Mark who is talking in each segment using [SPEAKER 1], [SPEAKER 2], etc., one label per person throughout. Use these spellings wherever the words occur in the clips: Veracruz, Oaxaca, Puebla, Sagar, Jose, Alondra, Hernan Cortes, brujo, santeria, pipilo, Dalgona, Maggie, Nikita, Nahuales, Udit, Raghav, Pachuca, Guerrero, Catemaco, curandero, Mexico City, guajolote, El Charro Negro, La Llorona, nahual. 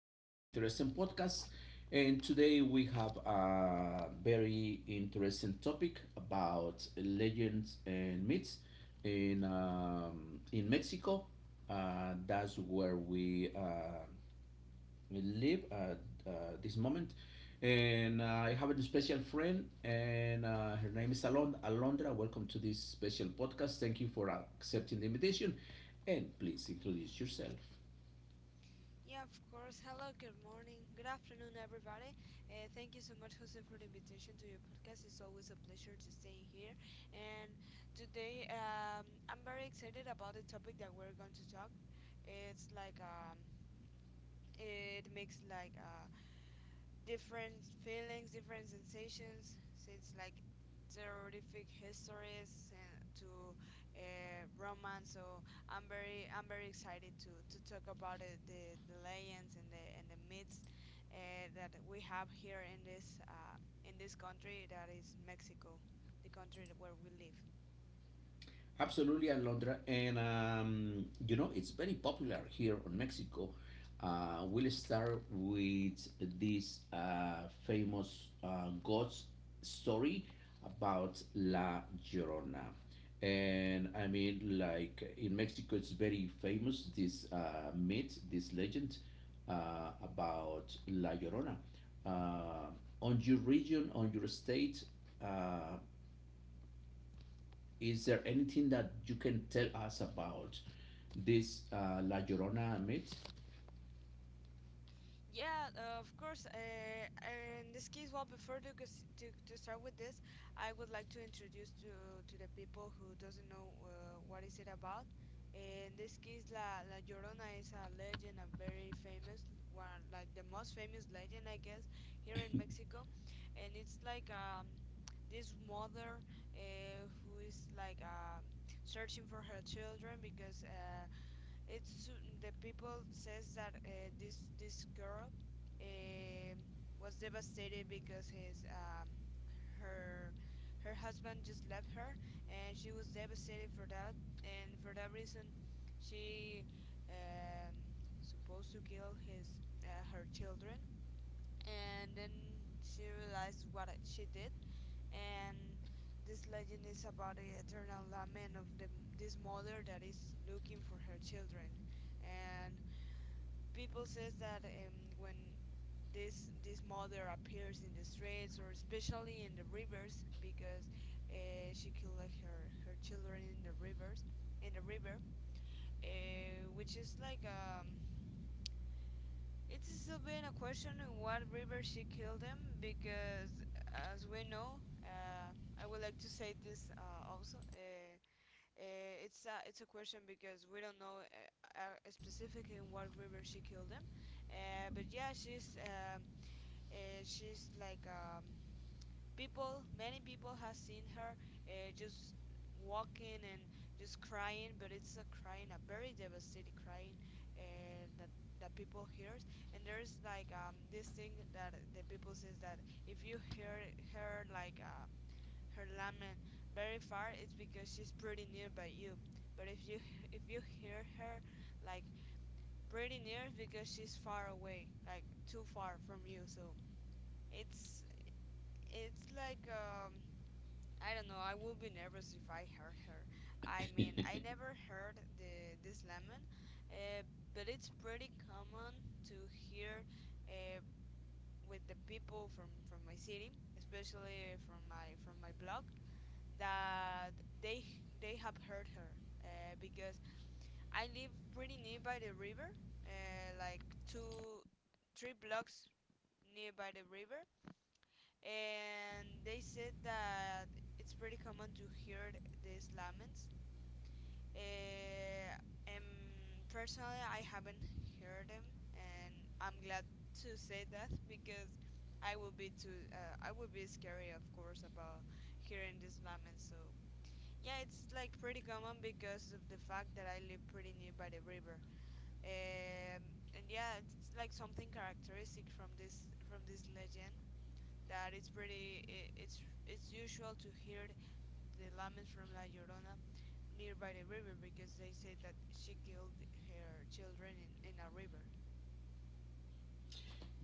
[SPEAKER 1] interesting podcast. And today we have a very interesting topic about legends and myths in Mexico. That's where we live at uh, this moment. And I have a special friend, and her name is Alondra. Welcome to this special podcast. Thank you for accepting the invitation, and please introduce yourself.
[SPEAKER 2] Yeah, of course. Hello, good morning, good afternoon, everybody. Thank you so much, Jose, for the invitation to your podcast. It's always a pleasure to stay here. And today, I'm very excited about the topic that we're going to talk. It's like um, it makes like a different feelings, different sensations, since like terrific histories and to romance. So I'm very excited to talk about it, the legends and the myths that we have here in this country that is Mexico, the country where we live.
[SPEAKER 1] Absolutely, Alondra. And, it's very popular here in Mexico. We'll start with this famous God's story about La Llorona. And I mean, like in Mexico, it's very famous this myth, this legend about La Llorona. Uh, on your region, on your state, uh, is there anything that you can tell us about this La Llorona myth?
[SPEAKER 2] Yeah, of course. In this case, well, before to, gus- to start with this, I would like to introduce to the people who doesn't know what is it about. In this case, La Llorona is a legend, a very famous one, like the most famous legend, I guess, here in Mexico, and it's like this mother who is like searching for her children because it's the people says that this girl um was devastated because his her her husband just left her, and she was devastated for that. And for that reason she um, supposed to kill his her children, and then she realized what she did. And this legend is about the eternal lament of this mother that is looking for her children. And people says that when this mother appears in the streets or especially in the rivers because she killed like her children in the rivers, in the river, which is like it's still being a question in what river she killed them because, as we know, I would like to say this also. It's a question because we don't know specifically in what river she killed them, but yeah, she's like people many people has seen her, just walking and just crying, but it's a crying, a very devastating crying that people hears. And there's like this thing that the people says that if you hear her like her lament very far, it's because she's pretty near by you. But if you hear her like pretty near, it's because she's far away, like too far from you. So it's it's I don't know. I would be nervous if I heard her. I mean, I never heard the this lament, uh, but it's pretty common to hear uh, with the people from my city, especially from my block, that they they have heard her because I live pretty nearby the river, like two three blocks nearby the river, and they said that it's pretty common to hear these laments. Uh, Personally, I haven't heard them, and I'm glad to say that because I will be too. I will be scary, of course, about hearing these laments. So yeah, it's like pretty common because of the fact that I live pretty near by the river. Um, and yeah, it's like something characteristic from this legend that it's pretty I it's usual to hear the laments from La Llorona nearby the river because they say that she killed her children in a river.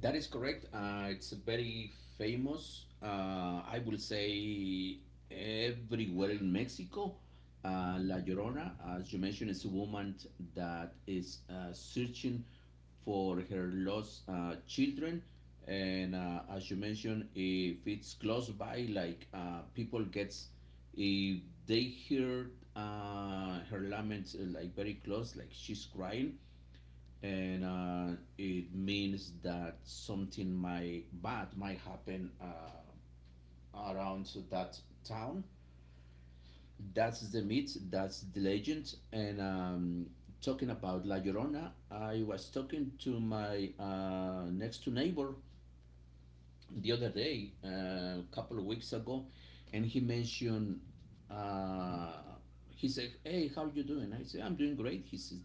[SPEAKER 1] That is correct. It's a very famous. I will say everywhere in Mexico. La Llorona, as you mentioned, is a woman that is searching for her lost children. And as you mentioned, if it's close by, like people gets, if they hear her laments like very close, like she's crying, and it means that something might bad might happen around to that town. That's the myth. That's the legend. And talking about La Llorona, I was talking to my next to neighbor the other day, a couple of weeks ago, and he mentioned. Uh, he said, "Hey, how are you doing?" I said, "I'm doing great." He says,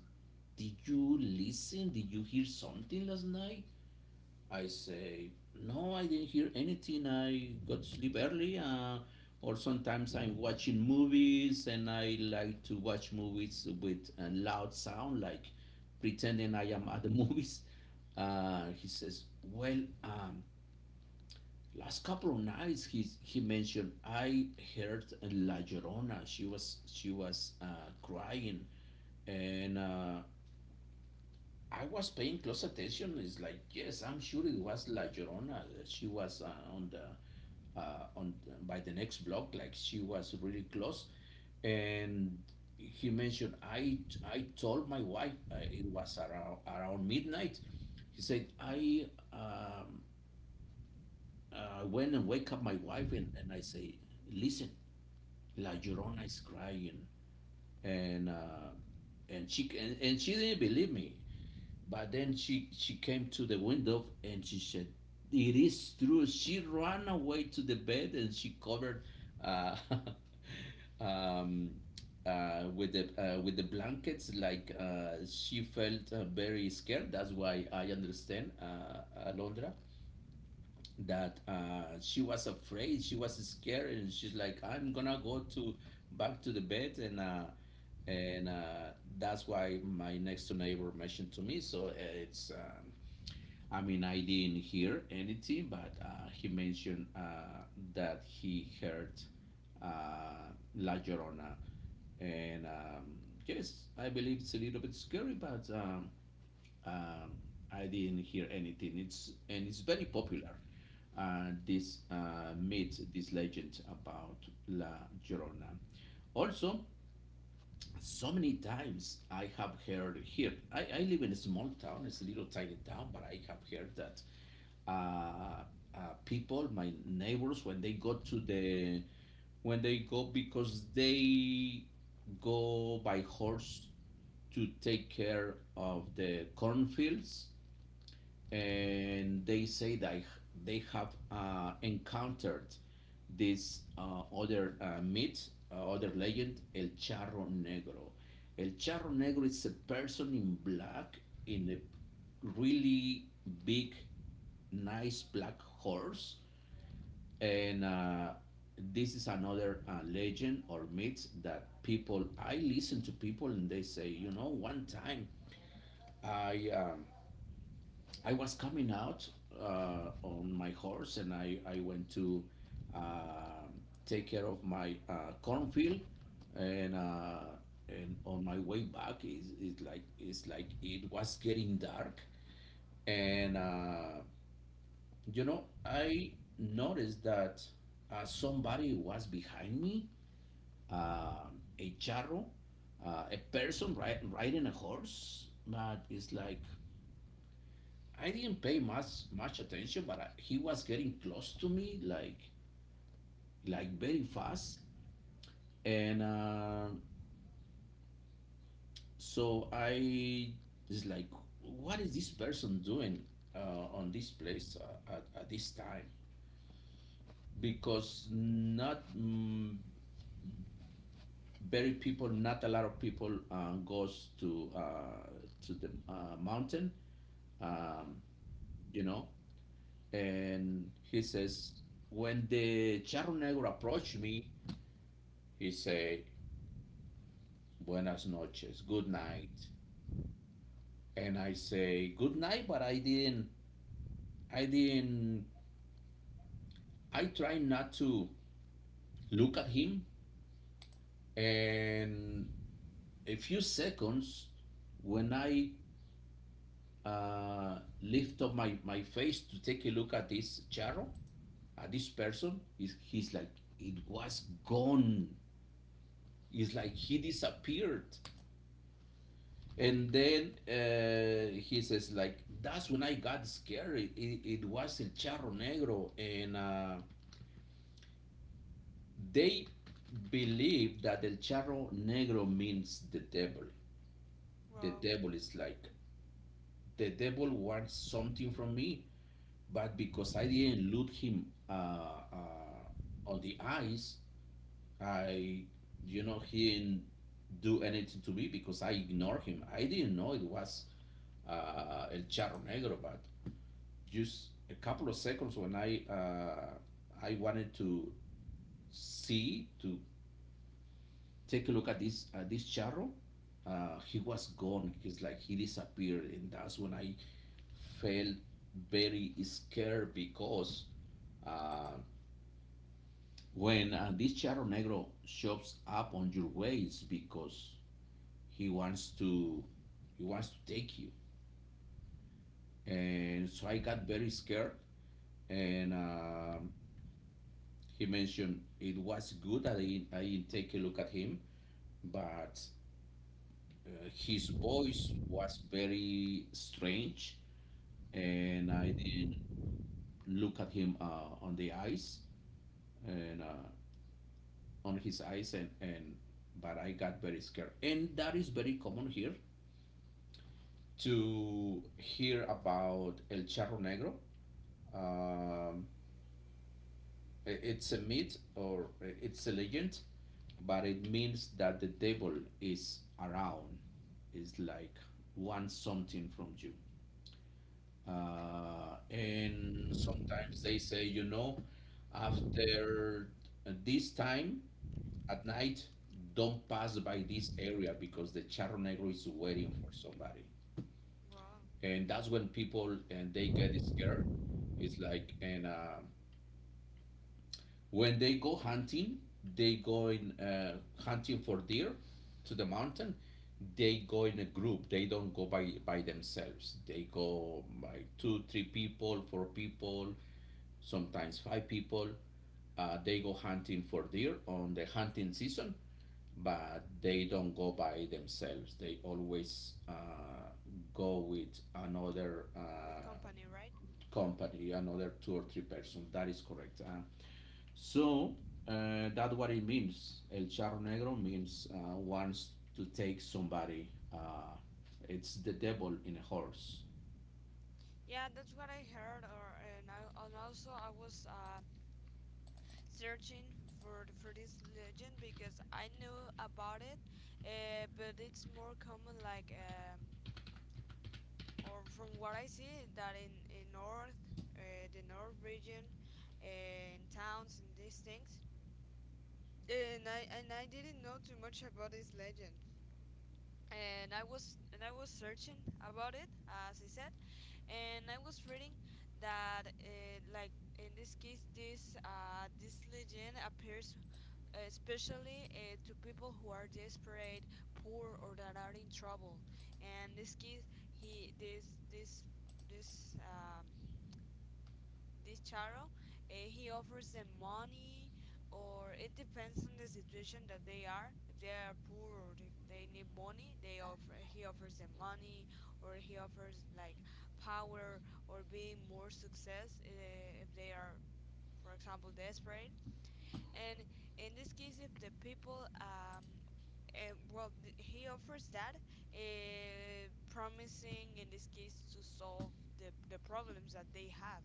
[SPEAKER 1] "Did you listen? Did you hear something last night?" I say, No, I didn't hear anything. I got to sleep early. Or sometimes I'm watching movies and I like to watch movies with a loud sound, like pretending I am at the movies. He says, Well, um, last couple of nights he mentioned I heard La Llorona. She was crying and I was paying close attention. It's like yes, I'm sure it was La Llorona. She was on the by the next block. Like she was really close, and he mentioned I told my wife it was around midnight. He said I um, went and wake up my wife and I say listen, La Llorona is crying and. And she didn't believe me but then she came to the window and she said, "It is true." She ran away to the bed and she covered uh, um, with the blankets. Like she felt very scared. That's why I understand, Alondra, that she was afraid she was scared and she's like I'm gonna go to back to the bed and That's why my next door neighbor mentioned to me. So it's, I mean, I didn't hear anything but he mentioned that he heard uh, La Llorona, and yes I believe it's a little bit scary but um, I didn't hear anything. It's very popular. This myth, this legend about La Llorona. Also, so many times I have heard here. I live in a small town. It's a little tiny town, but I have heard that uh, uh, people, my neighbors, when they go to the when they go because they go by horse to take care of the cornfields and they say that they have encountered this other myth, other legend, El Charro Negro. El Charro Negro is a person in black in a really big, nice black horse, and this is another legend or myth that people. I listen to people and they say, you know, one time I um, I was coming out on my horse and I went to um take care of my cornfield, and uh, and on my way back, is it's like it was getting dark, and you know I noticed that somebody was behind me, a charro, a person riding a horse, but it's like I didn't pay much attention, but he was getting close to me, like very fast, and so I is like, what is this person doing on this place at this time? Because not very people, not a lot of people goes to the mountain, um, you know, and he says when the charro negro approached me, he said, Buenas noches, good night. And I say, Good night, but I didn't, I tried not to look at him. And a few seconds, when I lift up my face to take a look at this charro, at this person, it was gone. It's like he disappeared. And then he says, like, that's when I got scared. It was El Charro Negro. And they believe that El Charro Negro means the devil. The
[SPEAKER 2] Wow,
[SPEAKER 1] devil is like, the devil wants something from me. But because I didn't look him uh, on the eyes, I, you know, he didn't do anything to me because I ignored him. I didn't know it was El Charro Negro, but just a couple of seconds when I wanted to see to take a look at this charro. He was gone. He's like he disappeared, and that's when I felt very scared because uh, when this charro negro shows up on your way, it's because he wants to he wants to take you, and so I got very scared, and he mentioned it was good that I didn't take a look at him, but his voice was very strange, and I didn't look at him on the eyes and on his eyes, and but I got very scared, and that is very common here to hear about El Charro Negro. Um, It's a myth or it's a legend, but it means that the devil is around, is like wants something from you. And sometimes they say, you know, after this time at night, don't pass by this area because the charro negro is waiting for somebody.
[SPEAKER 2] wow.
[SPEAKER 1] And that's when people and they get scared. It's like. And When they go hunting, they go in hunting for deer to the mountain. They go in a group. They don't go by themselves. They go by two, three people, four people, sometimes five people. They go hunting for deer on the hunting season, but they don't go by themselves. They always go with another
[SPEAKER 2] With company, right?
[SPEAKER 1] company, another two or three persons. That is correct. So that's what it means. El charro negro means wants to take somebody. It's the devil in a horse.
[SPEAKER 2] Yeah, that's what I heard, or and I and also I was searching for this legend because I knew about it, but it's more common like, or from what I see, that in north, the north region, uh, in towns and these things, and I didn't know too much about this legend. And I was searching about it, as I said, and I was reading that like in this case, this legend appears especially to people who are desperate, poor, or that are in trouble. And this case he this this this this charo he offers them money, or it depends on the situation that they are. If they are poor or if they need money, they offer he offers them money, or he offers like power or being more success if they are, for example, desperate. And in this case, if the people, he offers that, promising in this case to solve the problems that they have,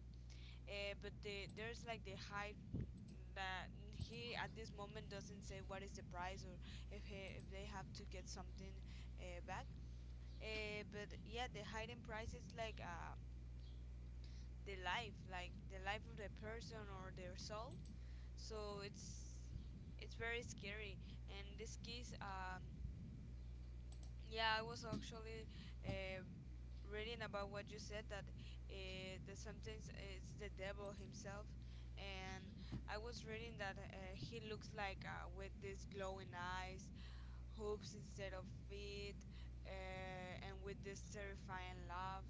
[SPEAKER 2] but there's like the high that he at this moment doesn't say what is the price, or if they have to get something back. But yeah, the hidden price is like the life, like the life of the person or their soul. So it's very scary. And this case, yeah, I was actually um, reading about what you said, that that sometimes it's the devil himself, and I was reading that he looks like with these glowing eyes, hooves instead of feet, and with this terrifying laugh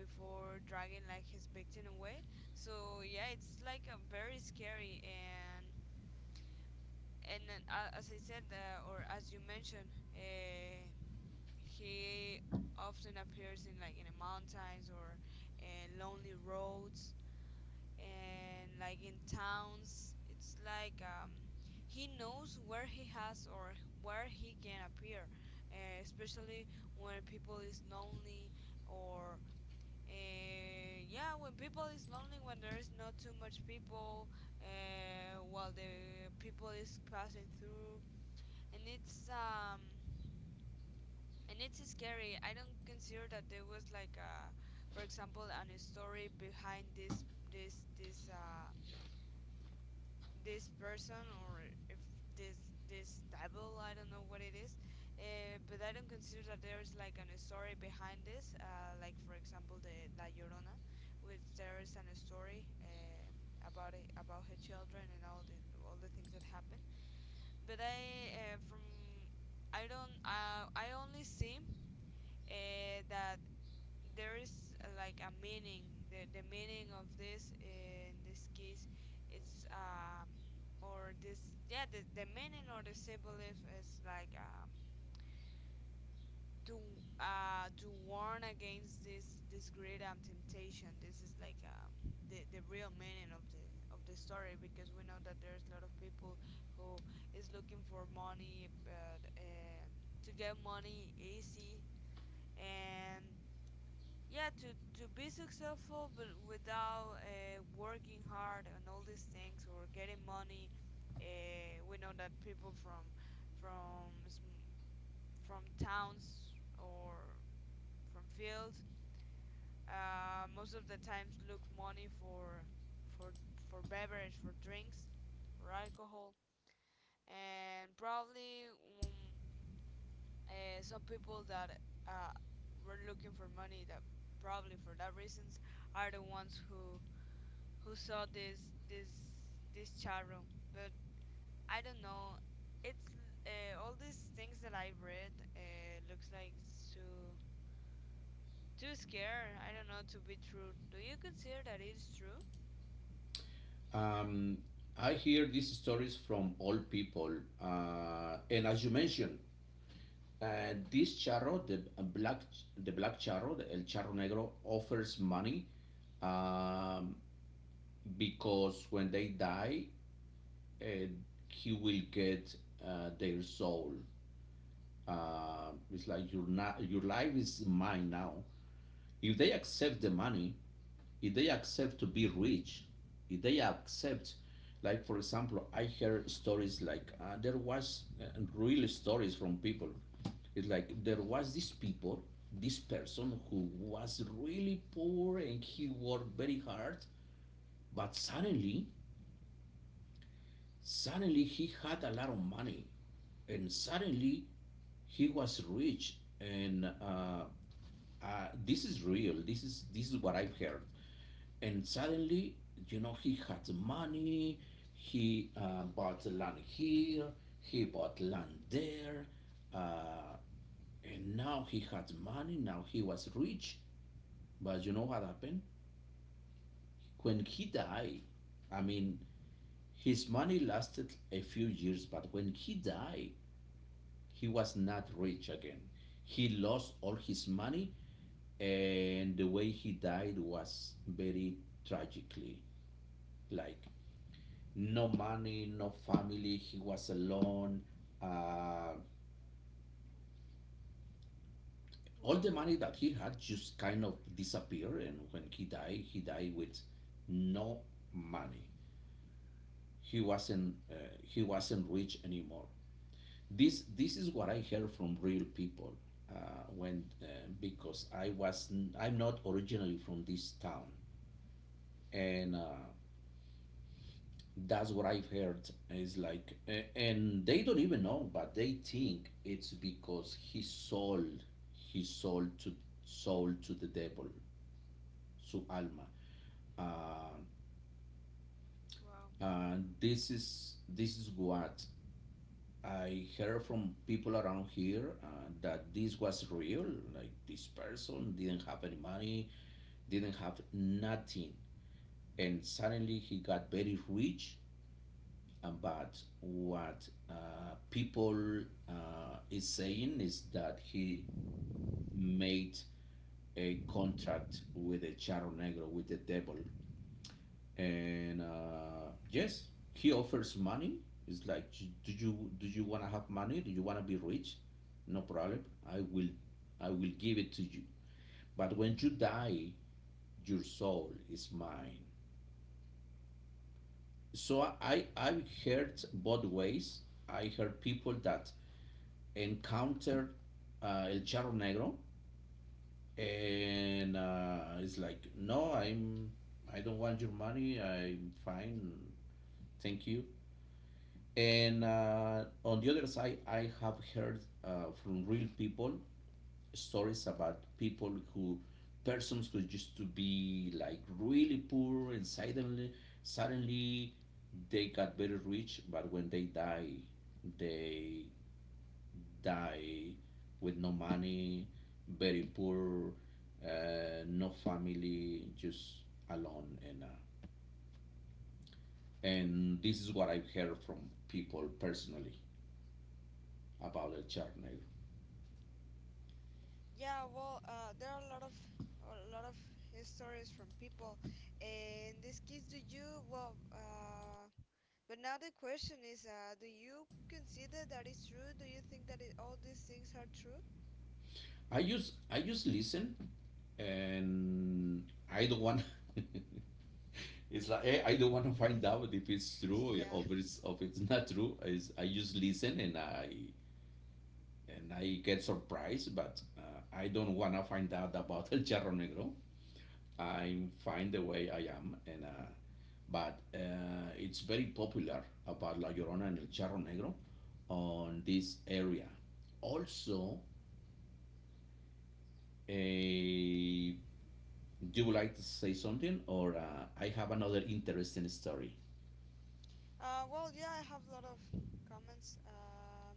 [SPEAKER 2] before dragging like his victim away. So yeah, it's like a very scary, and as I said, or as you mentioned. Uh, he often appears in like in the mountains or in lonely roads and like in towns. It's like he knows where he has or where he can appear, especially when people is lonely, or yeah, when people is lonely, when there is not too much people, while the people is passing through, and it's scary. I don't consider that there was like for example, an a story behind this this uh this person, or if this this devil, I don't know what it is, but I don't consider that there's like an, a story behind this, like for example the La Llorona, which there is an, a story about it, about her children and all the things that happen. But I from I don't I only see that there is like a meaning, the meaning of this in this case. It's or this yeah The meaning or the symbolism is like to to warn against this great temptation. This is like the real meaning of the story, because we know that there's a lot of people who is looking for money, but to get money easy, and yeah, to be successful, but without working hard and all these things, or getting money. We know that people from from sm- from towns or from fields, most of the times look money for for for beverage, for drinks, for alcohol, and probably um, some people that uh, were looking for money, that probably for that reasons, are the ones who saw this charo. But I don't know. It's All these things that I read looks like it's too scary. I don't know to be true. Do you consider that it's true?
[SPEAKER 1] Um, I hear these stories from all people, and as you mentioned, this charro, the the black charro, the el charro negro, offers money, um, because when they die, uh, he will get their soul. It's like your your life is mine now. If they accept the money, if they accept to be rich, if they accept, like for example, I heard stories like there was real stories from people. It's like there was this people, this person who was really poor and he worked very hard, but suddenly he had a lot of money, and suddenly he was rich and this is real. This is what I've heard. And suddenly, you know, he had money. He bought land here, he bought land there, uh, and now he had money, now he was rich. But you know what happened when he died? I mean, his money lasted a few years, but when he died, he was not rich again. He lost all his money, and the way he died was very tragically. Like, no money, no family, he was alone. Uh, all the
[SPEAKER 2] Wow,
[SPEAKER 1] money that he had just kind of disappeared, and when he died with no money. He wasn't uh, he wasn't rich anymore. This is what I heard from real people, when because I was I I'm not originally from this town, and that's what I've heard. Is like and they don't even know but they think it's because he sold to the devil su alma. uh,
[SPEAKER 2] wow.
[SPEAKER 1] and this is what I heard from people around here, that this was real. Like this person didn't have any money, didn't have nothing, and suddenly he got very rich. But what people is saying is that he made a contract with the Charro Negro, with the devil, and yes, he offers money. It's like, do you want to have money? Do you want to be rich? No problem. I will i will give it to you, but when you die, your soul is mine. So I've heard both ways. I heard people that encountered El Charro Negro, and it's like, no, I don't want your money. I'm fine, thank you. And on the other side, I have heard from real people stories about people who, persons who used to be like really poor and suddenly they got very rich, but when they die with no money, very poor, no family, just alone. And this is what I've heard from people personally about El Charney.
[SPEAKER 2] Yeah, well, there are a lot of stories from people. In this case, do you well? But now the question is, do you consider that it's true? Do you think that it, all these things are true?
[SPEAKER 1] I just listen, and I don't want. It's like, I don't want to find out if it's true
[SPEAKER 2] Yeah.
[SPEAKER 1] or if it's not true. I just listen and I get surprised, but I don't want to find out about El Charro Negro. I find the way I am, and but it's very popular about La Llorona and El Charro Negro on this area. Also, a you would like to say something, or I have another interesting story?
[SPEAKER 2] Well, yeah, I have a lot of comments.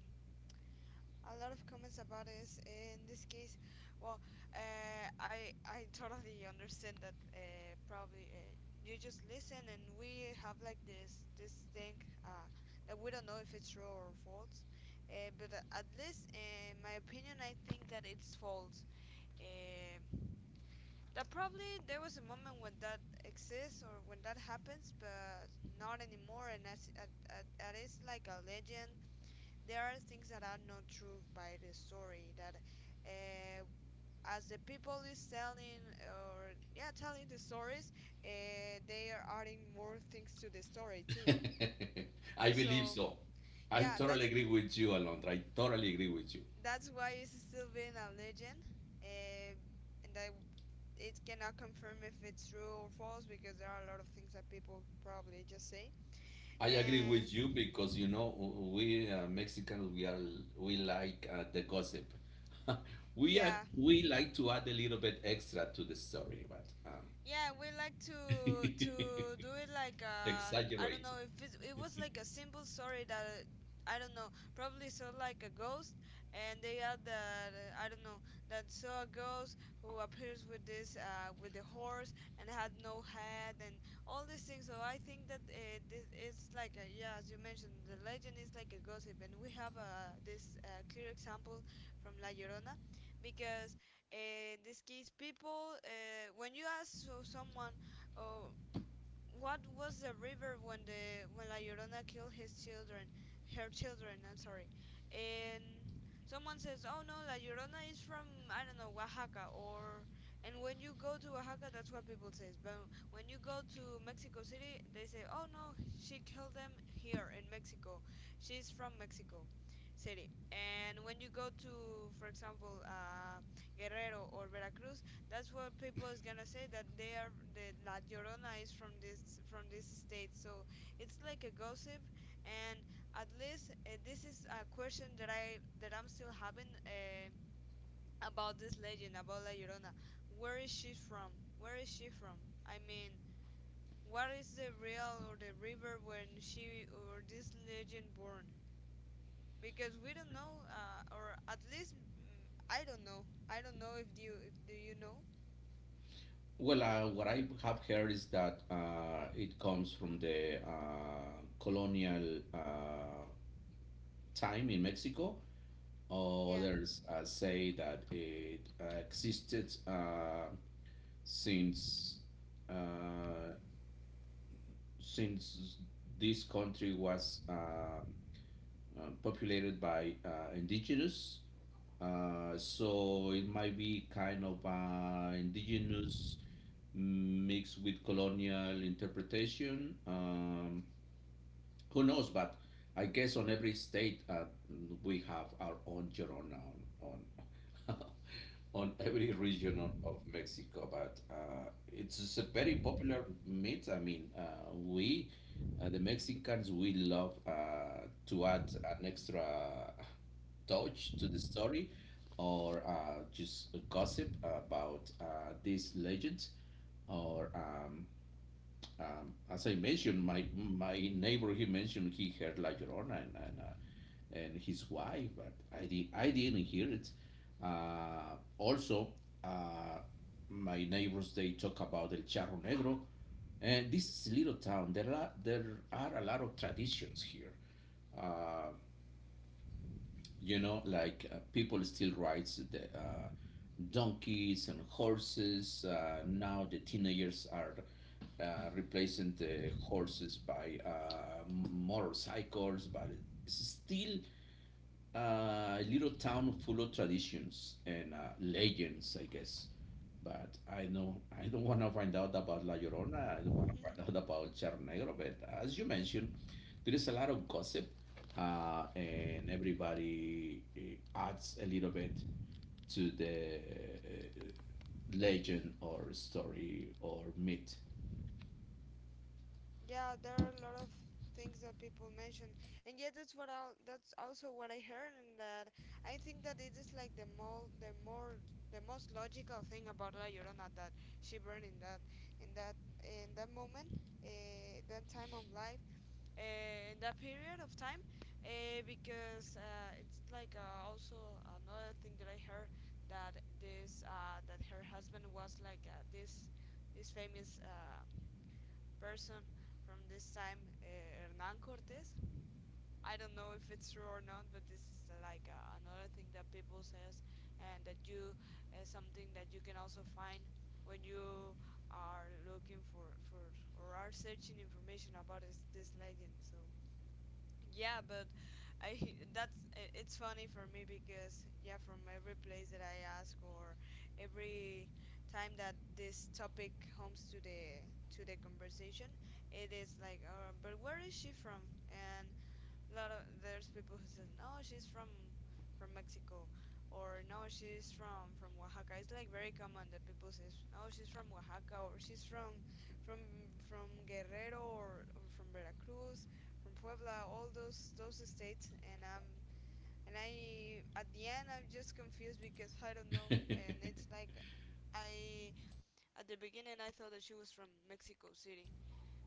[SPEAKER 2] A lot of comments about this. In this case, well, I totally understand that probably you just listen, and we have like this thing that we don't know if it's true or false. But at least, in my opinion, I think that it's false. Um, that probably there was a moment when that exists or when that happens, but not anymore. And as that is like a legend. There are things that are not true by the story that, uh, as the people is telling, or yeah, telling the stories, they are adding more things to the story too.
[SPEAKER 1] I believe
[SPEAKER 2] So
[SPEAKER 1] so. I
[SPEAKER 2] yeah,
[SPEAKER 1] totally
[SPEAKER 2] that's
[SPEAKER 1] agree with you, Alondra. I totally agree with you.
[SPEAKER 2] why it's still being a legend, uh, and I it cannot confirm if it's true or false because there are a lot of things that people probably just say.
[SPEAKER 1] I agree with you
[SPEAKER 2] And
[SPEAKER 1] because you know, we Mexicans, we like the gossip. we are
[SPEAKER 2] yeah,
[SPEAKER 1] we like to add a little bit extra to the story, but
[SPEAKER 2] yeah, we like to to do it like I don't
[SPEAKER 1] exaggerate.
[SPEAKER 2] know if it it was like a simple story that I don't know, probably saw like a ghost, and they had that I don't know, that saw a ghost who appears with this with the horse and had no head and all these things. So I think that this it's like a, yeah, as you mentioned, the legend is like a gossip, and we have this clear example from La Llorona, because in this case people, when you ask so someone, oh, what was the river when the when La Llorona killed his children, her children? I'm sorry. And someone says, "Oh no, La Llorona is from I don't know Oaxaca," or and when you go to Oaxaca, that's what people say. But when you go to Mexico City, they say, "Oh no, she killed them here in Mexico. She's from Mexico City." And when you go to, for example, Guerrero or Veracruz, that's what people is gonna say, that they are the La Llorona is from this state. So it's like a gossip, and at least this is a question that I'm still having, about this legend about La Llorona. Where is she from? Where is she from? I mean, what is the real or the river when she or this legend born? Because we don't know, or at least I don't know. I don't know if you if do you know?
[SPEAKER 1] Well, what I have heard is that it comes from the colonial time in Mexico.
[SPEAKER 2] Yeah.
[SPEAKER 1] Others say that it existed since uh, since this country was populated by indigenous. So it might be kind of indigenous mixed with colonial interpretation. Who knows? But I guess on every state we have our own Llorona on on, on every region of Mexico. But it's just a very popular meat. I mean, we the Mexicans we love to add an extra touch to the story, or just gossip about these legends, or as I mentioned, my neighbor, he mentioned he heard La Llorona and his wife, but I didn't hear it. Also, uh, my neighbors they talk about El Charro Negro, and this is a little town. There are a lot of traditions here. Uh, you know, like people still writes the donkeys and horses. Now the teenagers are replacing the horses by motorcycles, but it's still a little town full of traditions and legends, I guess. But I know I don't want to find out about La Llorona. I don't want to find out about Cerro Negro. But as you mentioned, there is a lot of gossip, and everybody adds a little bit to the legend or story or myth.
[SPEAKER 2] Yeah, there are a lot of things that people mention, and yeah, that's what I that's also what I heard, and that I think that it is like the most logical thing about La Llorona, that she burned in that in that in that moment, that time of life, in that period of time, because it's like also another thing that I heard, that this that her husband was like this famous. Person from this time, Hernan Cortes. I don't know if it's true or not, but this is like another thing that people says, and that you something that you can also find when you are looking for or are searching information about this legend. So yeah, but I that's it's funny for me because yeah, from every place that I ask, or every time that this topic comes to the conversation, it is like but where is she from? And a lot of there's people who says no, she's from Mexico, or no, she's from Oaxaca. It's like very common that people says no, she's from Oaxaca, or she's from from from Guerrero, or from Veracruz, from Puebla, all those states, and I'm and I at the end I'm just confused because I don't know, and it's like I at the beginning I thought that she was from Mexico City.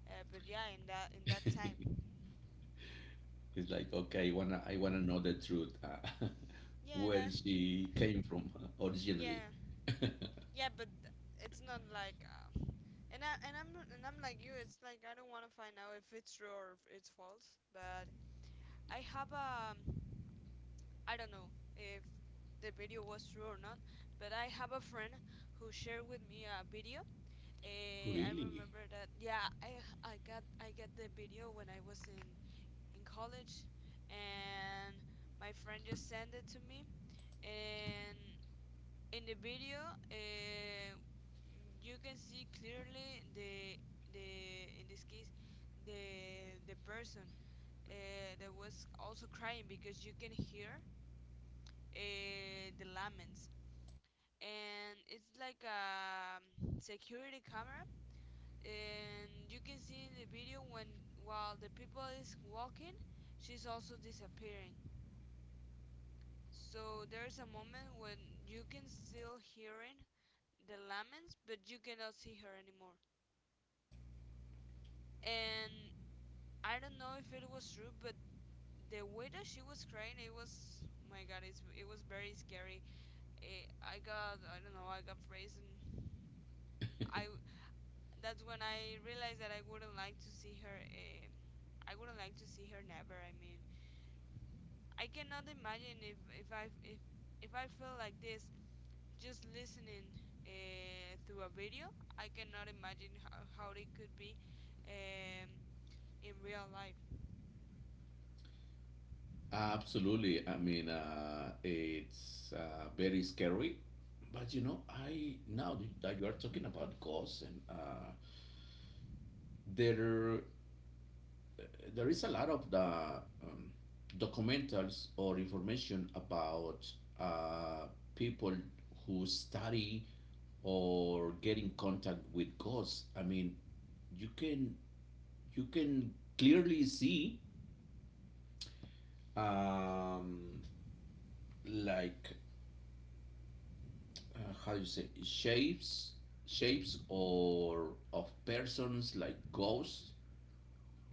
[SPEAKER 2] But yeah, in that
[SPEAKER 1] It's
[SPEAKER 2] time.
[SPEAKER 1] like, okay, wanna I wanna know the truth,
[SPEAKER 2] Yeah, and
[SPEAKER 1] where
[SPEAKER 2] I,
[SPEAKER 1] she came from originally.
[SPEAKER 2] yeah. Yeah, but it's not like, and I and I'm like you. It's like I don't want to find out if it's true or if it's false. But I have a, I don't know if the video was true or not. But I have a friend who shared with me a video. I
[SPEAKER 1] Really?
[SPEAKER 2] remember that. Yeah, I got the video when I was in college, and my friend just sent it to me, and in the video you can see clearly the in this case the person that was also crying because you can hear the laments, and it's like a security camera, and you can see in the video when while the people is walking, she's also disappearing. So there's a moment when you can still hearing the laments, but you cannot see her anymore. And I don't know if it was true, but the way that she was crying, it was my God, it's, it was very scary. Eh, I don't know, I got frozen. I that's when I realized that I wouldn't like to see her. I wouldn't like to see her never. I mean, I cannot imagine if if I feel like this just listening, through a video. I cannot imagine how it could be um, in real life.
[SPEAKER 1] Absolutely. I mean, it's very scary. But you know, I now that you are talking about ghosts and there there is a lot of the um, documentaries or information about uh, people who study or get in contact with ghosts. I mean, you can you can clearly see um, like how you say, shapes, or of persons like ghosts.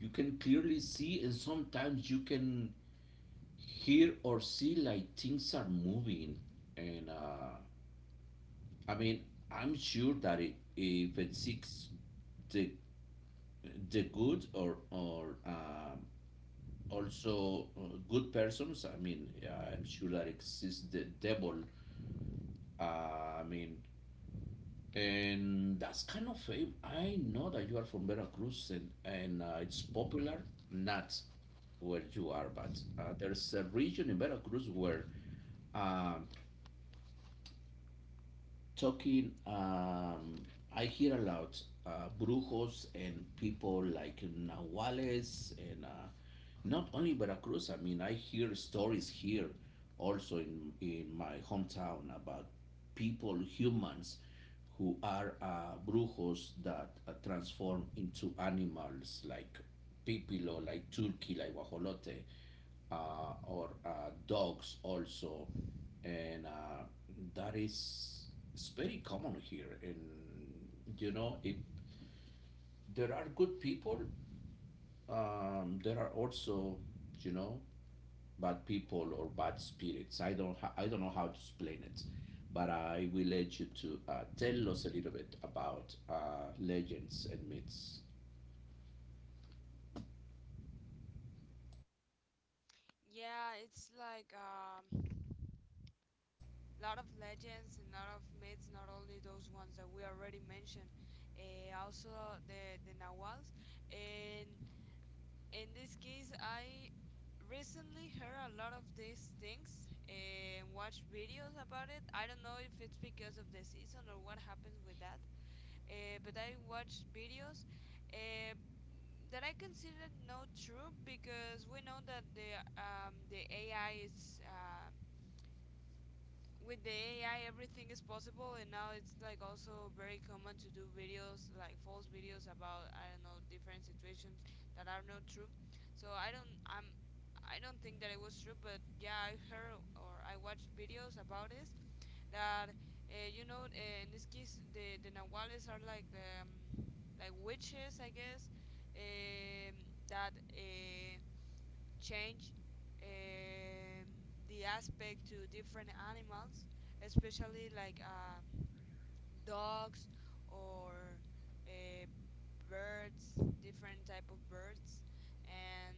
[SPEAKER 1] You can clearly see, and sometimes you can hear or see like things are moving, and I mean, I'm sure that if it seeks the the good, or also good persons, I mean, yeah, I'm sure that exists the devil, I mean, and that's kind of fame. I know that you are from Veracruz, and it's popular not where you are, but there's a region in Veracruz where um, talking I hear a lot brujos and people like Nahuales, and not only Veracruz, I mean, I hear stories here also in my hometown about people, humans, who are brujos that transform into animals like pipilo, like turkey, like guajolote, or dogs also. And that is it's very common here. And you know, if there are good people, there are also, you know, bad people or bad spirits. I don't know how to explain it, but I will let you to tell us a little bit about legends and myths.
[SPEAKER 2] Yeah, it's like lot of legends and lot of myths, not only those ones that we already mentioned, also the Nawals. And in this case, I recently heard a lot of these things, eh, and watched videos about it. I don't know if it's because of the season or what happens with that, but I watched videos. Uh, that I consider not true, because we know that the AI is with the AI everything is possible, and now it's like also very common to do videos like false videos about I don't know different situations that are not true. So I don't think that it was true, but yeah, I heard or I watched videos about this that you know, in this case the Nahuales are like the like witches I guess, um, that change, um, the aspect to different animals, especially like dogs or uh, birds, different type of birds, and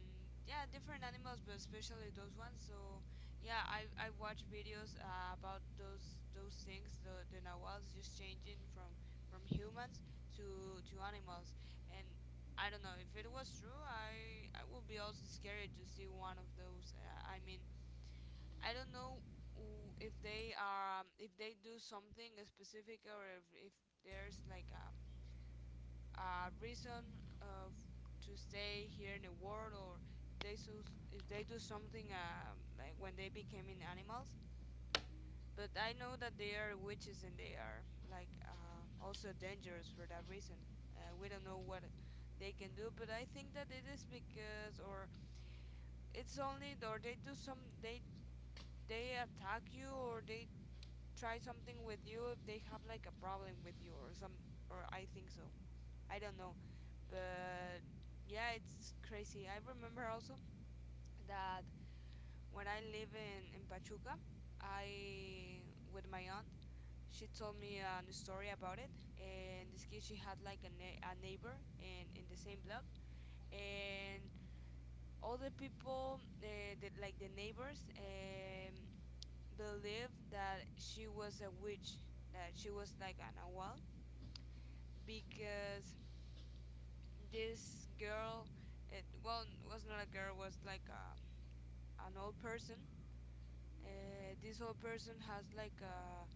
[SPEAKER 2] yeah, different animals, but especially those ones. So yeah, I watch videos about those things, the nawals just changing from humans to animals. And I don't know if it was true. I would be also scared to see one of those, I mean, I don't know if they are, if they do something specific, or if there's like a reason of to stay here in the world, or if they so if they do something, like when they became in animals. But I know that they are witches, and they are like also dangerous for that reason. Uh, we don't know what they can do, but I think that it is because or it's only or they do some they attack you, or they try something with you if they have like a problem with you or some, or I think so, I don't know. But yeah, it's crazy. I remember also that when I live in Pachuca, I with my aunt, she told me a story about it. And this case, she had like a, a neighbor in the same block, and all the people, that like the neighbors, believed that she was a witch, that she was like an owl, because this girl, it well, was not a girl, was like a an old person. This old person has like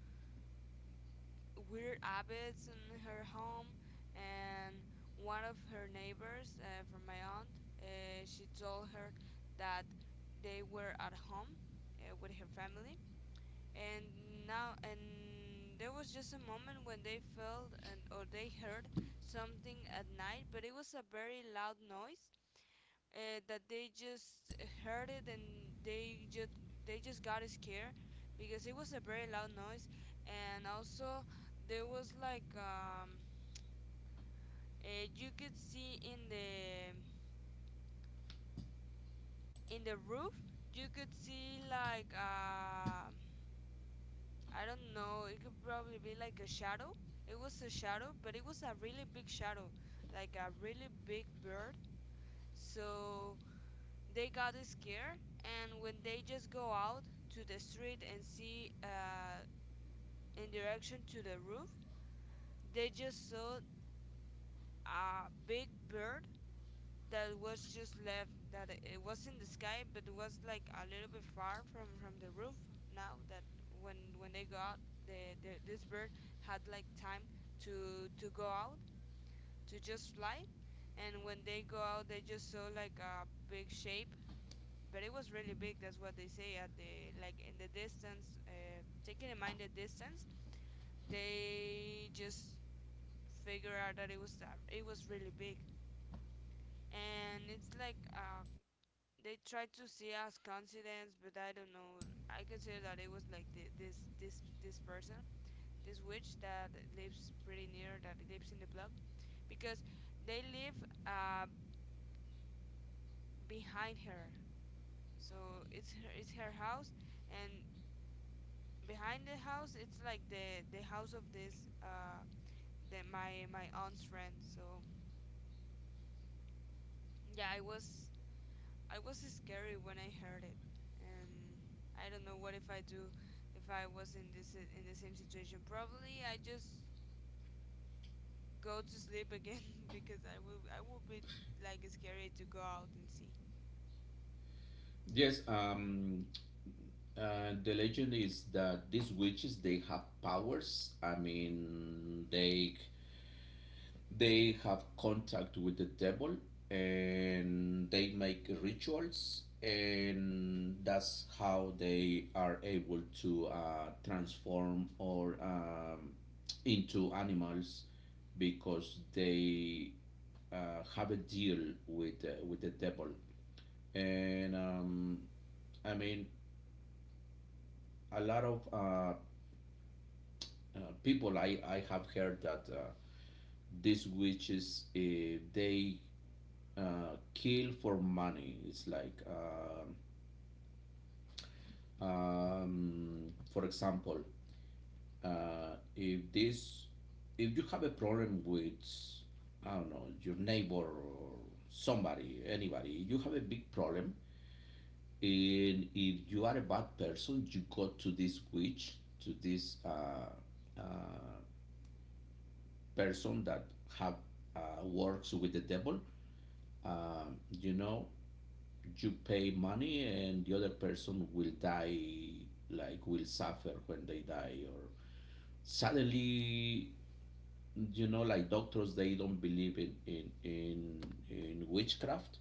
[SPEAKER 2] weird habits in her home, and one of her neighbors from my aunt, she told her that they were at home with her family, and now and there was just a moment when they felt and or they heard something at night, but it was a very loud noise that they just heard it, and they just got scared because it was a very loud noise. And also there was like you could see in the roof, you could see like I don't know, it could probably be like a shadow, it was a shadow, but it was a really big shadow, like a really big bird. So they got scared, and when they just go out to the street and see, in direction to the roof, they just saw a big bird that was just left, that it was in the sky, but it was like a little bit far from the roof. Now that when they go out, the this bird had like time to go out, to just fly. And when they go out, they just saw like a big shape, but it was really big. That's what they say at the like in the distance. Taking in mind the distance, they just figure out that it was really big. And it's like they tried to see as coincidence, but I don't know. I consider that it was like the, this this person, this witch that lives pretty near, that lives in the block, because they live behind her. So it's her house, and behind the house it's like the house of this the my aunt's friend. So yeah, I was scary when I heard it. And I don't know what if I do if I was in this in the same situation, probably I just go to sleep again because I will be like scary to go out and see.
[SPEAKER 1] Yes, the legend is that these witches they have powers. I mean, they have contact with the devil, and they make rituals, and that's how they are able to transform or into animals because they have a deal with the devil. And I mean, a lot of people, I have heard that these witches they kill for money. It's like, for example, uh, if this, if you have a problem with, I don't know, your neighbor or somebody, anybody, you have a big problem, and if you are a bad person, you go to this witch, to this uh, person that have works with the devil. uh, you know, you pay money and the other person will die, like, will suffer when they die or suddenly. You know, like doctors, they don't believe in witchcraft,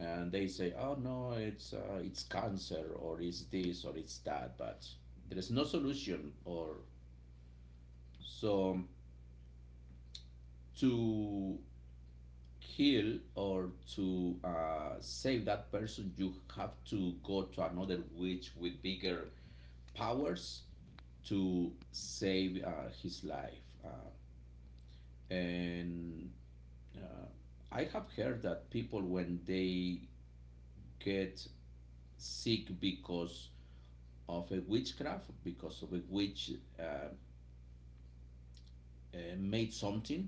[SPEAKER 1] and they say, oh no, it's cancer or it's this or it's that, but there is no solution. Or so, to kill or to save that person, you have to go to another witch with bigger powers to save his life. And uh, I have heard that people, when they get sick because of a witchcraft, because of a witch uh, made something,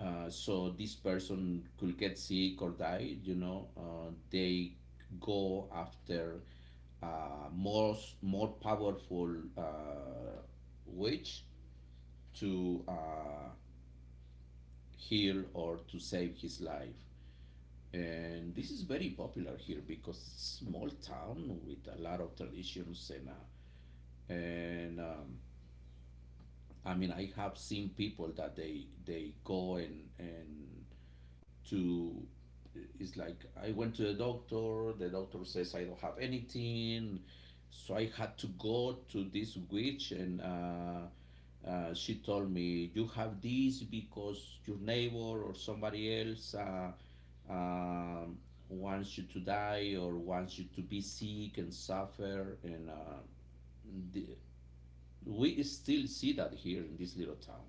[SPEAKER 1] so this person could get sick or die, you know, they go after uh, more, more powerful uh, witch to heal or to save his life. And this is very popular here because it's a small town with a lot of traditions, and I mean, I have seen people that they go and to, it's like, I went to the doctor says I don't have anything, so I had to go to this witch, and she told me, you have this because your neighbor or somebody else um wants you to die or wants you to be sick and suffer, and the, we still see that here in this little town,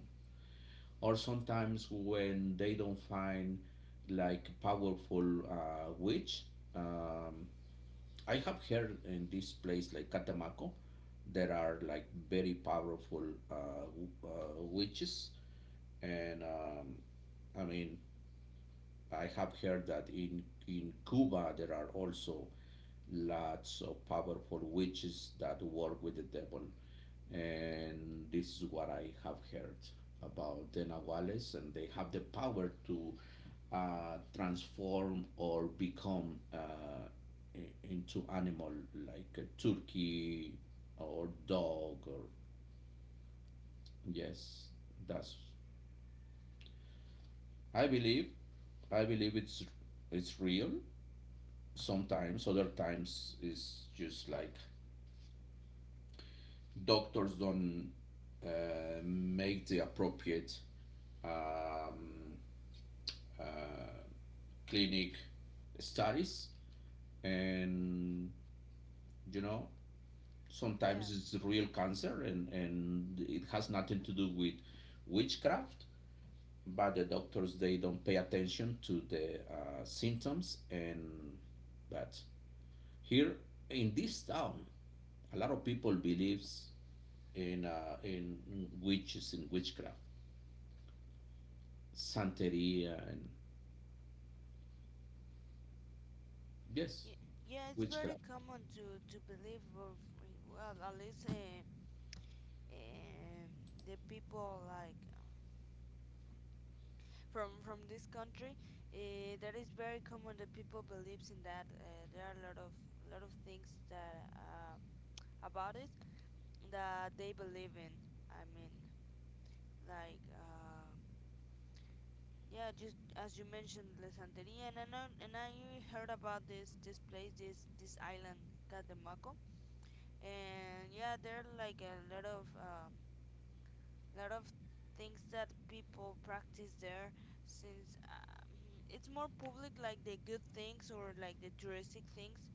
[SPEAKER 1] or sometimes when they don't find like powerful witch. um, I have heard in this place like Catemaco there are like very powerful witches, and I mean, I have heard that in Cuba there are also lots of powerful witches that work with the devil, and this is what I have heard about the Nahuales, and they have the power to transform or become into animal, like a turkey or dog, or yes, that's I believe I believe it's real. Sometimes other times it's just like doctors don't uh, make the appropriate um, uh, clinic studies, and you know, sometimes
[SPEAKER 2] Yeah,
[SPEAKER 1] it's real cancer, and it has nothing to do with witchcraft, but the doctors they don't pay attention to the symptoms, and that here in this town a lot of people believes in witches and witchcraft, santeria, and yes,
[SPEAKER 2] yeah, yeah. It's very
[SPEAKER 1] witchcraft.
[SPEAKER 2] common to believe, or well, at least um, the people like from this country, that is very common that people believes in that, there are a lot of things that about it that they believe in. i mean like uh, yeah, just as you mentioned, la santeria. And I know, and I heard about this place, this island, Catemaco. And yeah, there are like a lot of a lot of things that people practice there since, it's more public, like the good things or like the touristic things,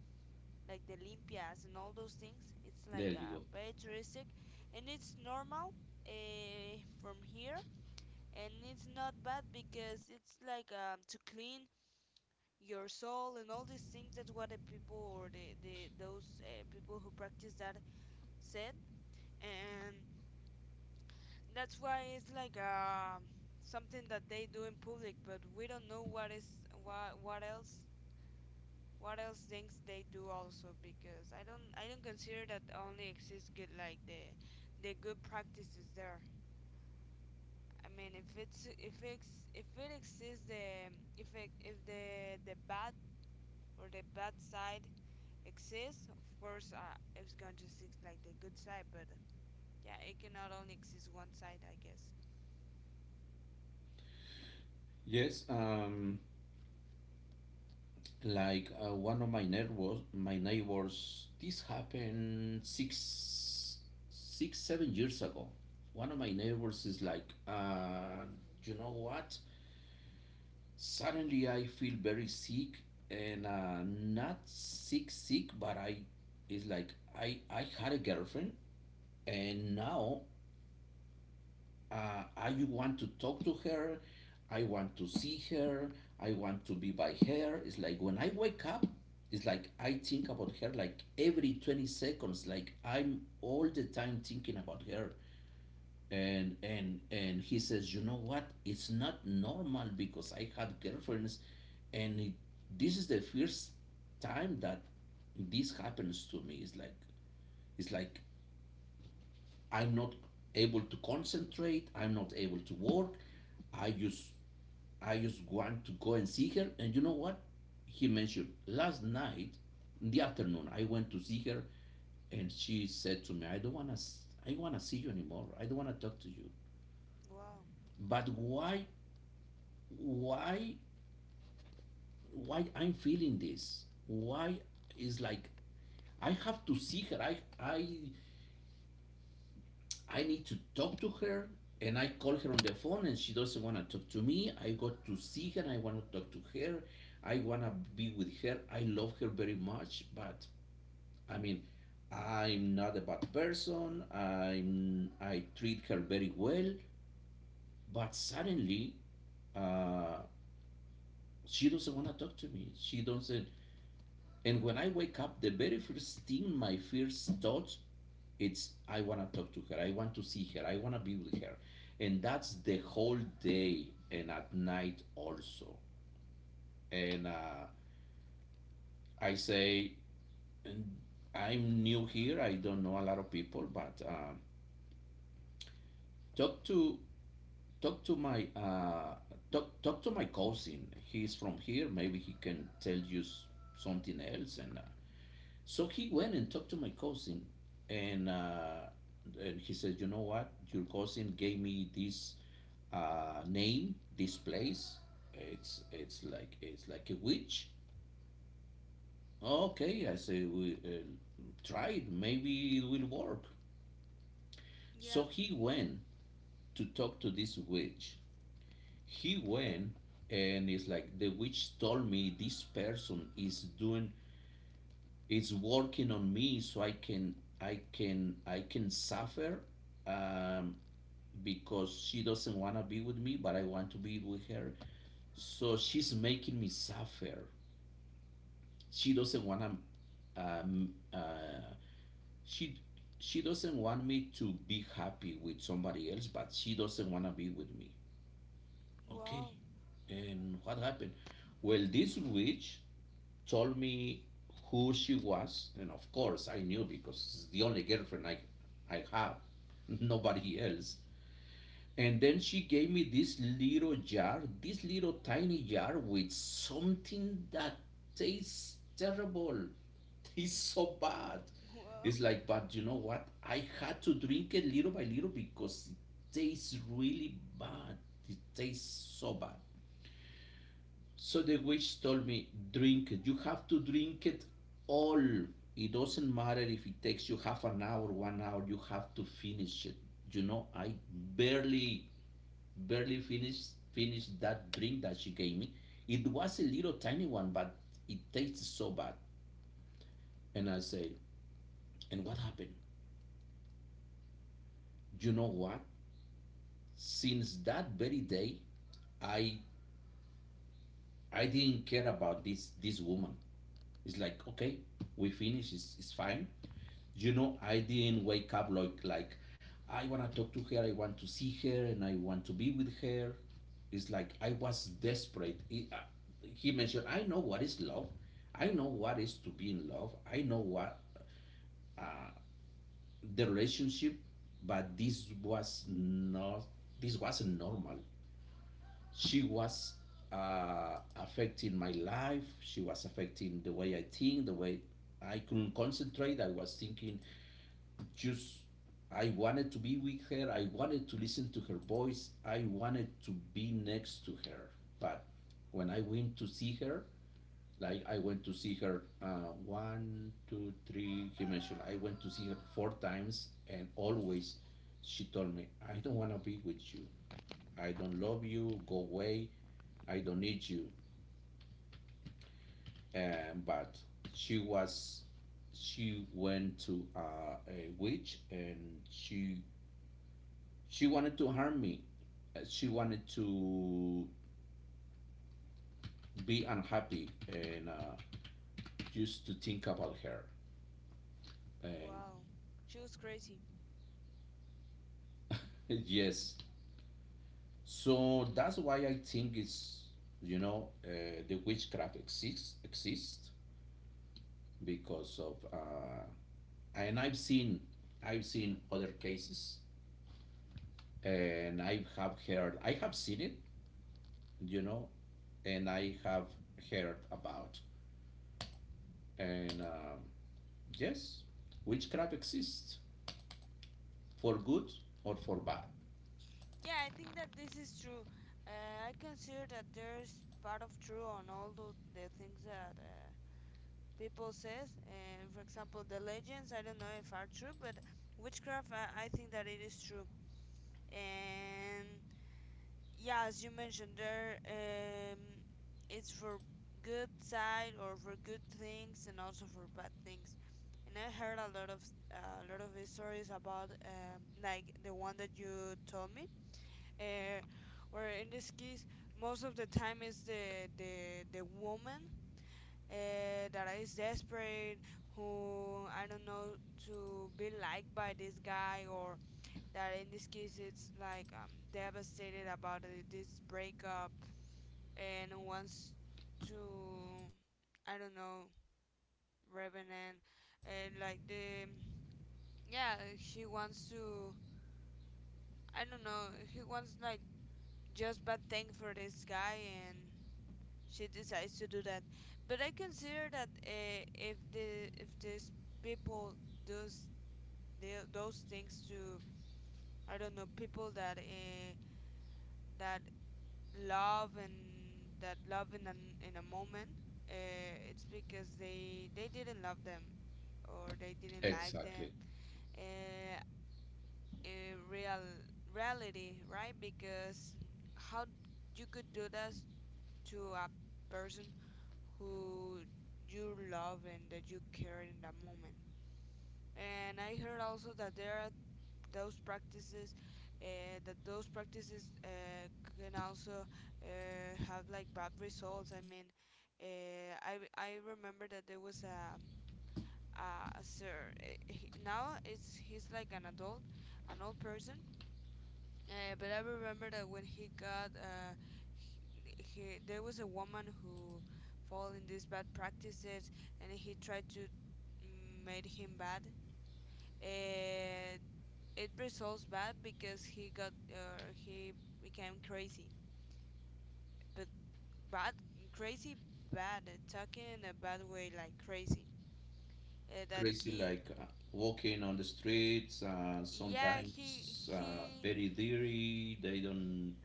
[SPEAKER 2] like the Olympias and all those things. It's
[SPEAKER 1] There
[SPEAKER 2] like,
[SPEAKER 1] you go.
[SPEAKER 2] very touristic, and it's normal uh, from here. And it's not bad because it's like, to clean your soul and all these things. That's what the people, or the those people who practice that said. And that's why it's like, something that they do in public, but we don't know what is, what else, what else things they do also, because I don't consider that only exists good, like the good practices there. I mean, if it exists, the if the bad, or the bad side exists, of course, it's going to exist like the good side. But yeah, it cannot only exist one side, I guess.
[SPEAKER 1] Yes, like one of my neighbors, this happened 6, 7 years ago. One of my neighbors is like, you know what? Suddenly I feel very sick, and not sick, sick, but I is like, I had a girlfriend, and now I want to talk to her. I want to see her. I want to be by her. It's like when I wake up, it's like I think about her like every 20 seconds. Like, I'm all the time thinking about her. And he says, you know what? It's not normal because I had girlfriends, and this is the first time that this happens to me. It's like I'm not able to concentrate. I'm not able to work. I just I just want to go and see her. And you know what? He mentioned last night, in the afternoon, I went to see her, and she said to me, "I don't wanna see you anymore. I don't wanna talk to you."
[SPEAKER 2] Wow.
[SPEAKER 1] But why why I'm feeling this? Why is like I have to see her. I need to talk to her, and I call her on the phone and she doesn't want to talk to me. I go to see her and I want to talk to her. I want to be with her. I love her very much, but I mean, I'm not a bad person. I treat her very well, but suddenly uh, she doesn't want to talk to me. She doesn't. And when I wake up, the very first thing, my first thought, it's I want to talk to her. I want to see her. I want to be with her, and that's the whole day and at night also. And I say, I'm new here. I don't know a lot of people, but talk to talk to my talk talk to my cousin. He's from here. Maybe he can tell you something else. And So he went and talked to my cousin, and uh, and he said, "You know what? Your cousin gave me this name, this place. It's like a witch." Okay, I say, "We try it. Maybe it will work." So
[SPEAKER 2] Yeah.
[SPEAKER 1] he went to talk to this witch. He went, and it's like the witch told me this person is doing, it's working on me so I can suffer, um, because she doesn't want to be with me but I want to be with her, so she's making me suffer. She doesn't want to, um, uh, she she doesn't want me to be happy with somebody else but she doesn't want to be with me. Okay,
[SPEAKER 2] Wow.
[SPEAKER 1] and what happened? Well, this witch told me who she was, and of course I knew because it's the only girlfriend I have, nobody else. And then she gave me this little jar, this little tiny jar with something that tastes terrible, tastes so bad.
[SPEAKER 2] Wow,
[SPEAKER 1] It's like, but you know what? I had to drink it little by little because it tastes really bad. It tastes so bad. So the witch told me, drink it. You have to drink it all. It doesn't matter if it takes you half an hour, 1 hour, you have to finish it. You know, barely finished that drink that she gave me. It was a little tiny one, but it tastes so bad. And I say, and what happened? You know what? Since that very day, I I didn't care about this woman. It's like, okay, we finish, it's fine. You know, I didn't wake up like I want to talk to her, I want to see her, and I want to be with her. It's like I was desperate. He mentioned, I know what is love. I know what is to be in love. I know what the relationship, but this was not. This wasn't normal. She was affecting my life. She was affecting the way I think, the way I couldn't concentrate. I was thinking, just I wanted to be with her. I wanted to listen to her voice. I wanted to be next to her. But when I went to see her, like I went to see her one, two, three, he mentioned I went to see her four times, and always she told me, I don't want to be with you. I don't love you. Go away. I don't need you. And but she was, she went to a witch and she wanted to harm me. She wanted to be unhappy and just to think about her. And
[SPEAKER 2] wow, she was crazy.
[SPEAKER 1] yes, so that's why I think it's, you know, the witchcraft exists because of and I've seen, I've seen other cases, and I have heard, I have seen it, you know, and I have heard about, and yes, witchcraft exists for good or for bad.
[SPEAKER 2] Yeah, I think that this is true. I consider that there's part of true on all the things that people says. For example, the legends, I don't know if are true. But witchcraft, I think that it is true. And yeah, as you mentioned there, it's for good side, or for good things, and also for bad things. And I heard a lot of stories about, like the one that you told me, uh, where in this case, most of the time is the woman, that is desperate, who, I don't know, to be liked by this guy, or that in this case it's like, devastated about it, this breakup, and wants to, I don't know, revenant. And like the, yeah, she wants to, I don't know, he wants like just bad thing for this guy, and she decides to do that. But I consider that, if the if these people does those things to, I don't know, people that that love, and that love in a moment, uh, it's because they didn't love them, or they didn't like them,
[SPEAKER 1] Exactly.
[SPEAKER 2] uh, in real reality, right? Because how you could do that to a person who you love and that you care in that moment. And I heard also that there are those practices, uh, that those practices uh, can also, have like bad results. I mean, I remember that there was a sir, he, now it's he's like an adult, an old person, but I remember that when he got, he, there was a woman who fall in these bad practices, and he tried to made him bad. uh, it results bad because he got, he became crazy. But bad crazy, bad, talking in a bad way, like crazy, that
[SPEAKER 1] Crazy
[SPEAKER 2] he
[SPEAKER 1] like walking on the streets,
[SPEAKER 2] yeah
[SPEAKER 1] sometimes
[SPEAKER 2] he,
[SPEAKER 1] very dirty. They don't,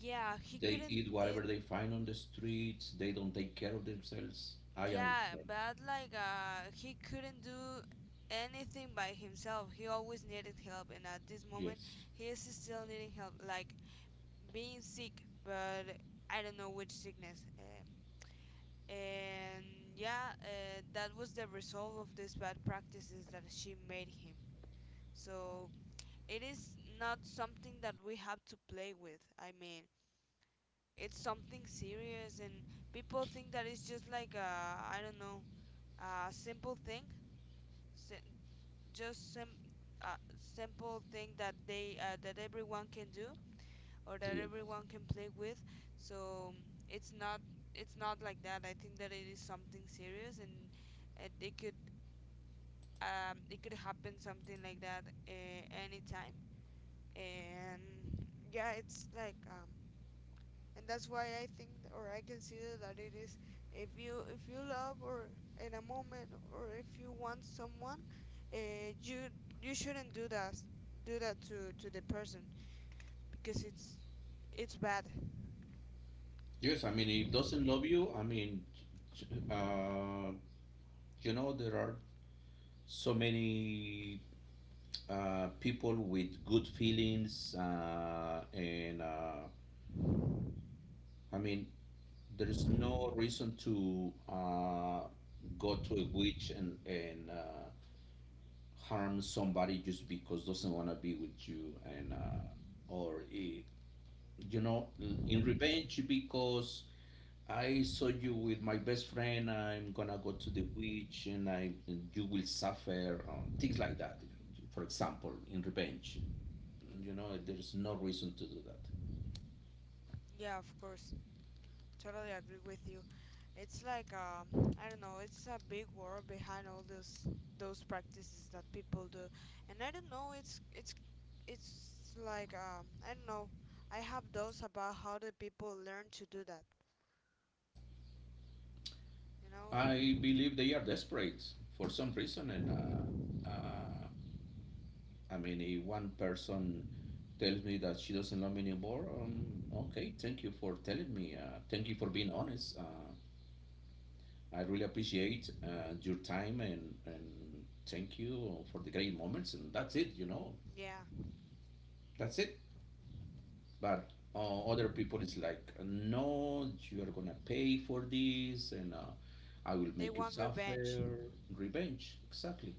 [SPEAKER 2] yeah, he
[SPEAKER 1] they
[SPEAKER 2] couldn't
[SPEAKER 1] eat whatever
[SPEAKER 2] did,
[SPEAKER 1] they find on the streets. They don't take care of themselves. I
[SPEAKER 2] yeah,
[SPEAKER 1] understand.
[SPEAKER 2] bad, like, he couldn't do anything by himself. He always needed help, and at this moment
[SPEAKER 1] Yes.
[SPEAKER 2] he is still needing help, like being sick. But I don't know which sickness, and yeah, that was the result of these bad practices that she made him. So it is not something that we have to play with. I mean, it's something serious, and people think that it's just like a, I don't know, a simple thing, si- just sim- a simple thing that they, that everyone can do, or that
[SPEAKER 1] Yes.
[SPEAKER 2] everyone can play with. So it's not, it's not like that. I think that it is something serious, and it could, it could happen something like that, anytime. And yeah, it's like, and that's why I think or I consider that it is, if you, love or in a moment, or if you want someone, you you shouldn't do that, to the person, because it's bad.
[SPEAKER 1] Yes, I mean, it doesn't love you. I mean, uh, you know, there are so many people with good feelings, and I mean, there is no reason to go to a witch and harm somebody just because doesn't want to be with you and or you know, in revenge because I saw you with my best friend. I'm gonna go to the witch and I, and you will suffer, things like that. For example, in revenge, you know there is no reason to do that.
[SPEAKER 2] Yeah, of course. Totally agree with you. It's like, I don't know, it's a big world behind all those practices that people do. And I don't know, it's like, I don't know, I have doubts about how the people learn to do that. You know?
[SPEAKER 1] I believe they are desperate for some reason and. I mean, if one person tells me that she doesn't love me anymore, okay, thank you for telling me. Thank you for being honest. I really appreciate your time and thank you for the great moments. And that's it, you know,
[SPEAKER 2] Yeah,
[SPEAKER 1] that's it. But other people is like, no, you are gonna pay for this and I will
[SPEAKER 2] they
[SPEAKER 1] make you
[SPEAKER 2] want revenge.
[SPEAKER 1] suffer. Revenge, exactly.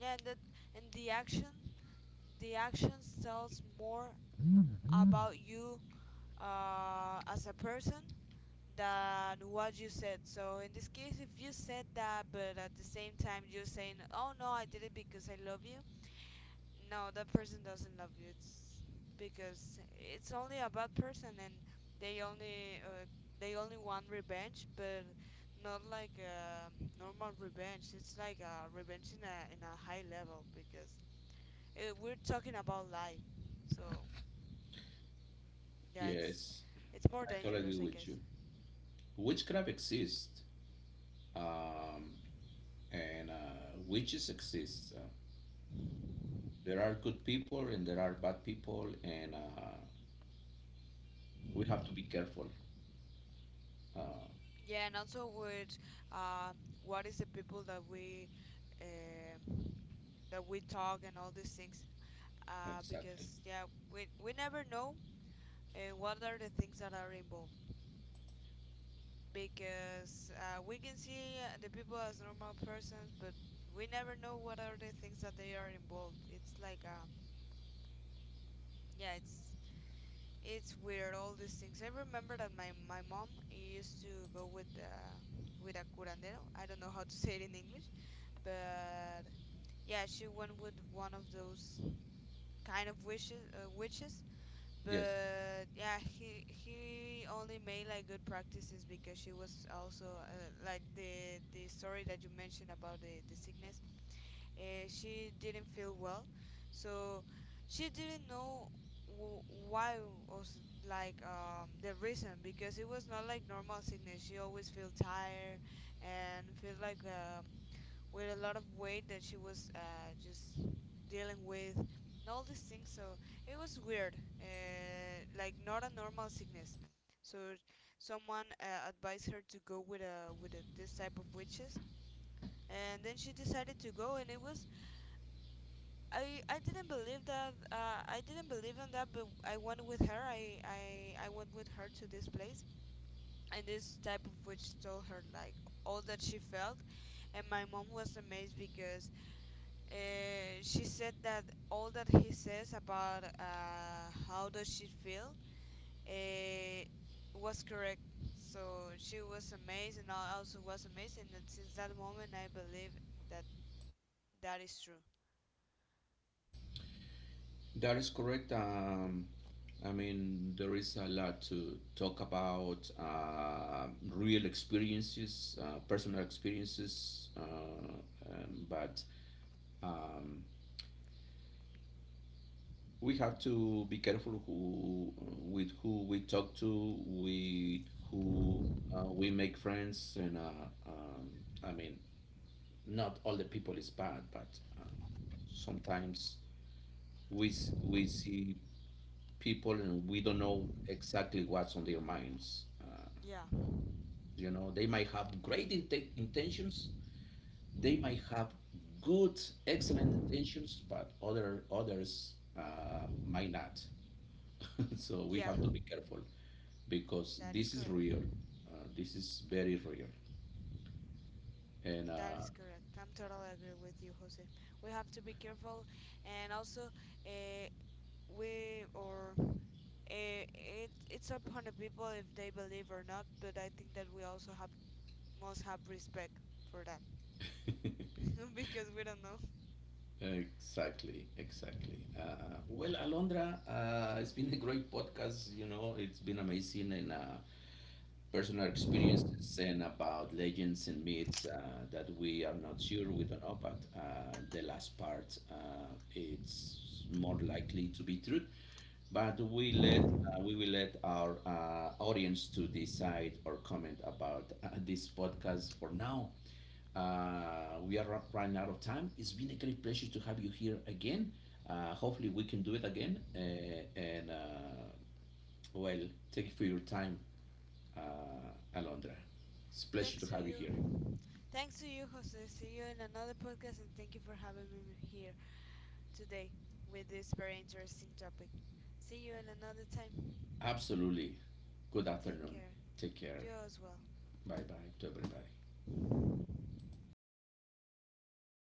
[SPEAKER 2] Yeah, and that and the action the actions tells more about you, as a person, than what you said. So in this case, if you said that, but at the same time you're saying, "Oh no, I did it because I love you," no, that person doesn't love you. It's because it's only a bad person, and they only, they only want revenge. But not like a normal revenge, it's like a revenge in a high level, because we're talking about life. So yeah, it's
[SPEAKER 1] Yes,
[SPEAKER 2] it's more
[SPEAKER 1] I totally agree
[SPEAKER 2] dangerous, I
[SPEAKER 1] with
[SPEAKER 2] guess.
[SPEAKER 1] you. Witchcraft exists. Um, and which is exists. There are good people and there are bad people, and we have to be careful. Uh,
[SPEAKER 2] Yeah, and also with, um, what is the people that we, um that we talk and all these things.
[SPEAKER 1] exactly.
[SPEAKER 2] Because yeah, we never know, what are the things that are involved. Because, we can see, the people as normal persons, but we never know what are the things that they are involved. It's like, yeah, it's weird all these things. I remember that my mom used to go with, with a curandero. I don't know how to say it in English, but yeah, she went with one of those kind of wishes, witches.
[SPEAKER 1] Yes,
[SPEAKER 2] But yeah, he only made like good practices, because she was also, like the story that you mentioned about the sickness. She didn't feel well, so she didn't know, w- why was, like, the reason, because it was not like normal sickness. She always feel tired, and feel like, with a lot of weight that she was, just dealing with, and all these things. So it was weird, like not a normal sickness. So someone, advised her to go with a this type of witches, and then she decided to go. And it was, I didn't believe that, I didn't believe in that, but I went with her. I went with her to this place, and this type of witch told her like all that she felt. And my mom was amazed, because, she said that all that he says about, how does she feel, uh, was correct. So she was amazed, and I also was amazed. And since that moment, I believe that that is true.
[SPEAKER 1] that is correct. There is a lot to talk about real experiences, personal experiences, but um, we have to be careful who, with who we talk to, with who we make friends, and I mean, not all the people is bad, but sometimes we see people and we don't know exactly what's on their minds.
[SPEAKER 2] Yeah,
[SPEAKER 1] You know, they might have great intentions, they might have good, excellent intentions, but other others might not. So we
[SPEAKER 2] yeah,
[SPEAKER 1] have to be careful because
[SPEAKER 2] that is
[SPEAKER 1] this is
[SPEAKER 2] correct.
[SPEAKER 1] real. This is very real. And
[SPEAKER 2] That is correct, I'm totally agree with you, Jose. We have to be careful, and also, uh, we or, it's upon the people if they believe or not. But I think that we also have must have respect for that because we don't know.
[SPEAKER 1] exactly, exactly. Well, Alondra, it's been a great podcast. You know, it's been amazing, and personal experiences and about legends and myths that we are not sure, we don't know, but the last part, it's more likely to be true, but we let, we will let our audience to decide or comment about this podcast for now. We are running out of time. It's been a great pleasure to have you here again. Hopefully, we can do it again. And well, thank you for your time, uh, Alondra. It's a pleasure
[SPEAKER 2] Thanks
[SPEAKER 1] to
[SPEAKER 2] to
[SPEAKER 1] have you
[SPEAKER 2] you.
[SPEAKER 1] here.
[SPEAKER 2] Thanks to you, Jose. See you in another podcast, and thank you for having me here today with this very interesting topic. See you in another time.
[SPEAKER 1] Absolutely. Good
[SPEAKER 2] Take
[SPEAKER 1] afternoon.
[SPEAKER 2] care.
[SPEAKER 1] Take care.
[SPEAKER 2] You as well.
[SPEAKER 1] Bye bye to everybody.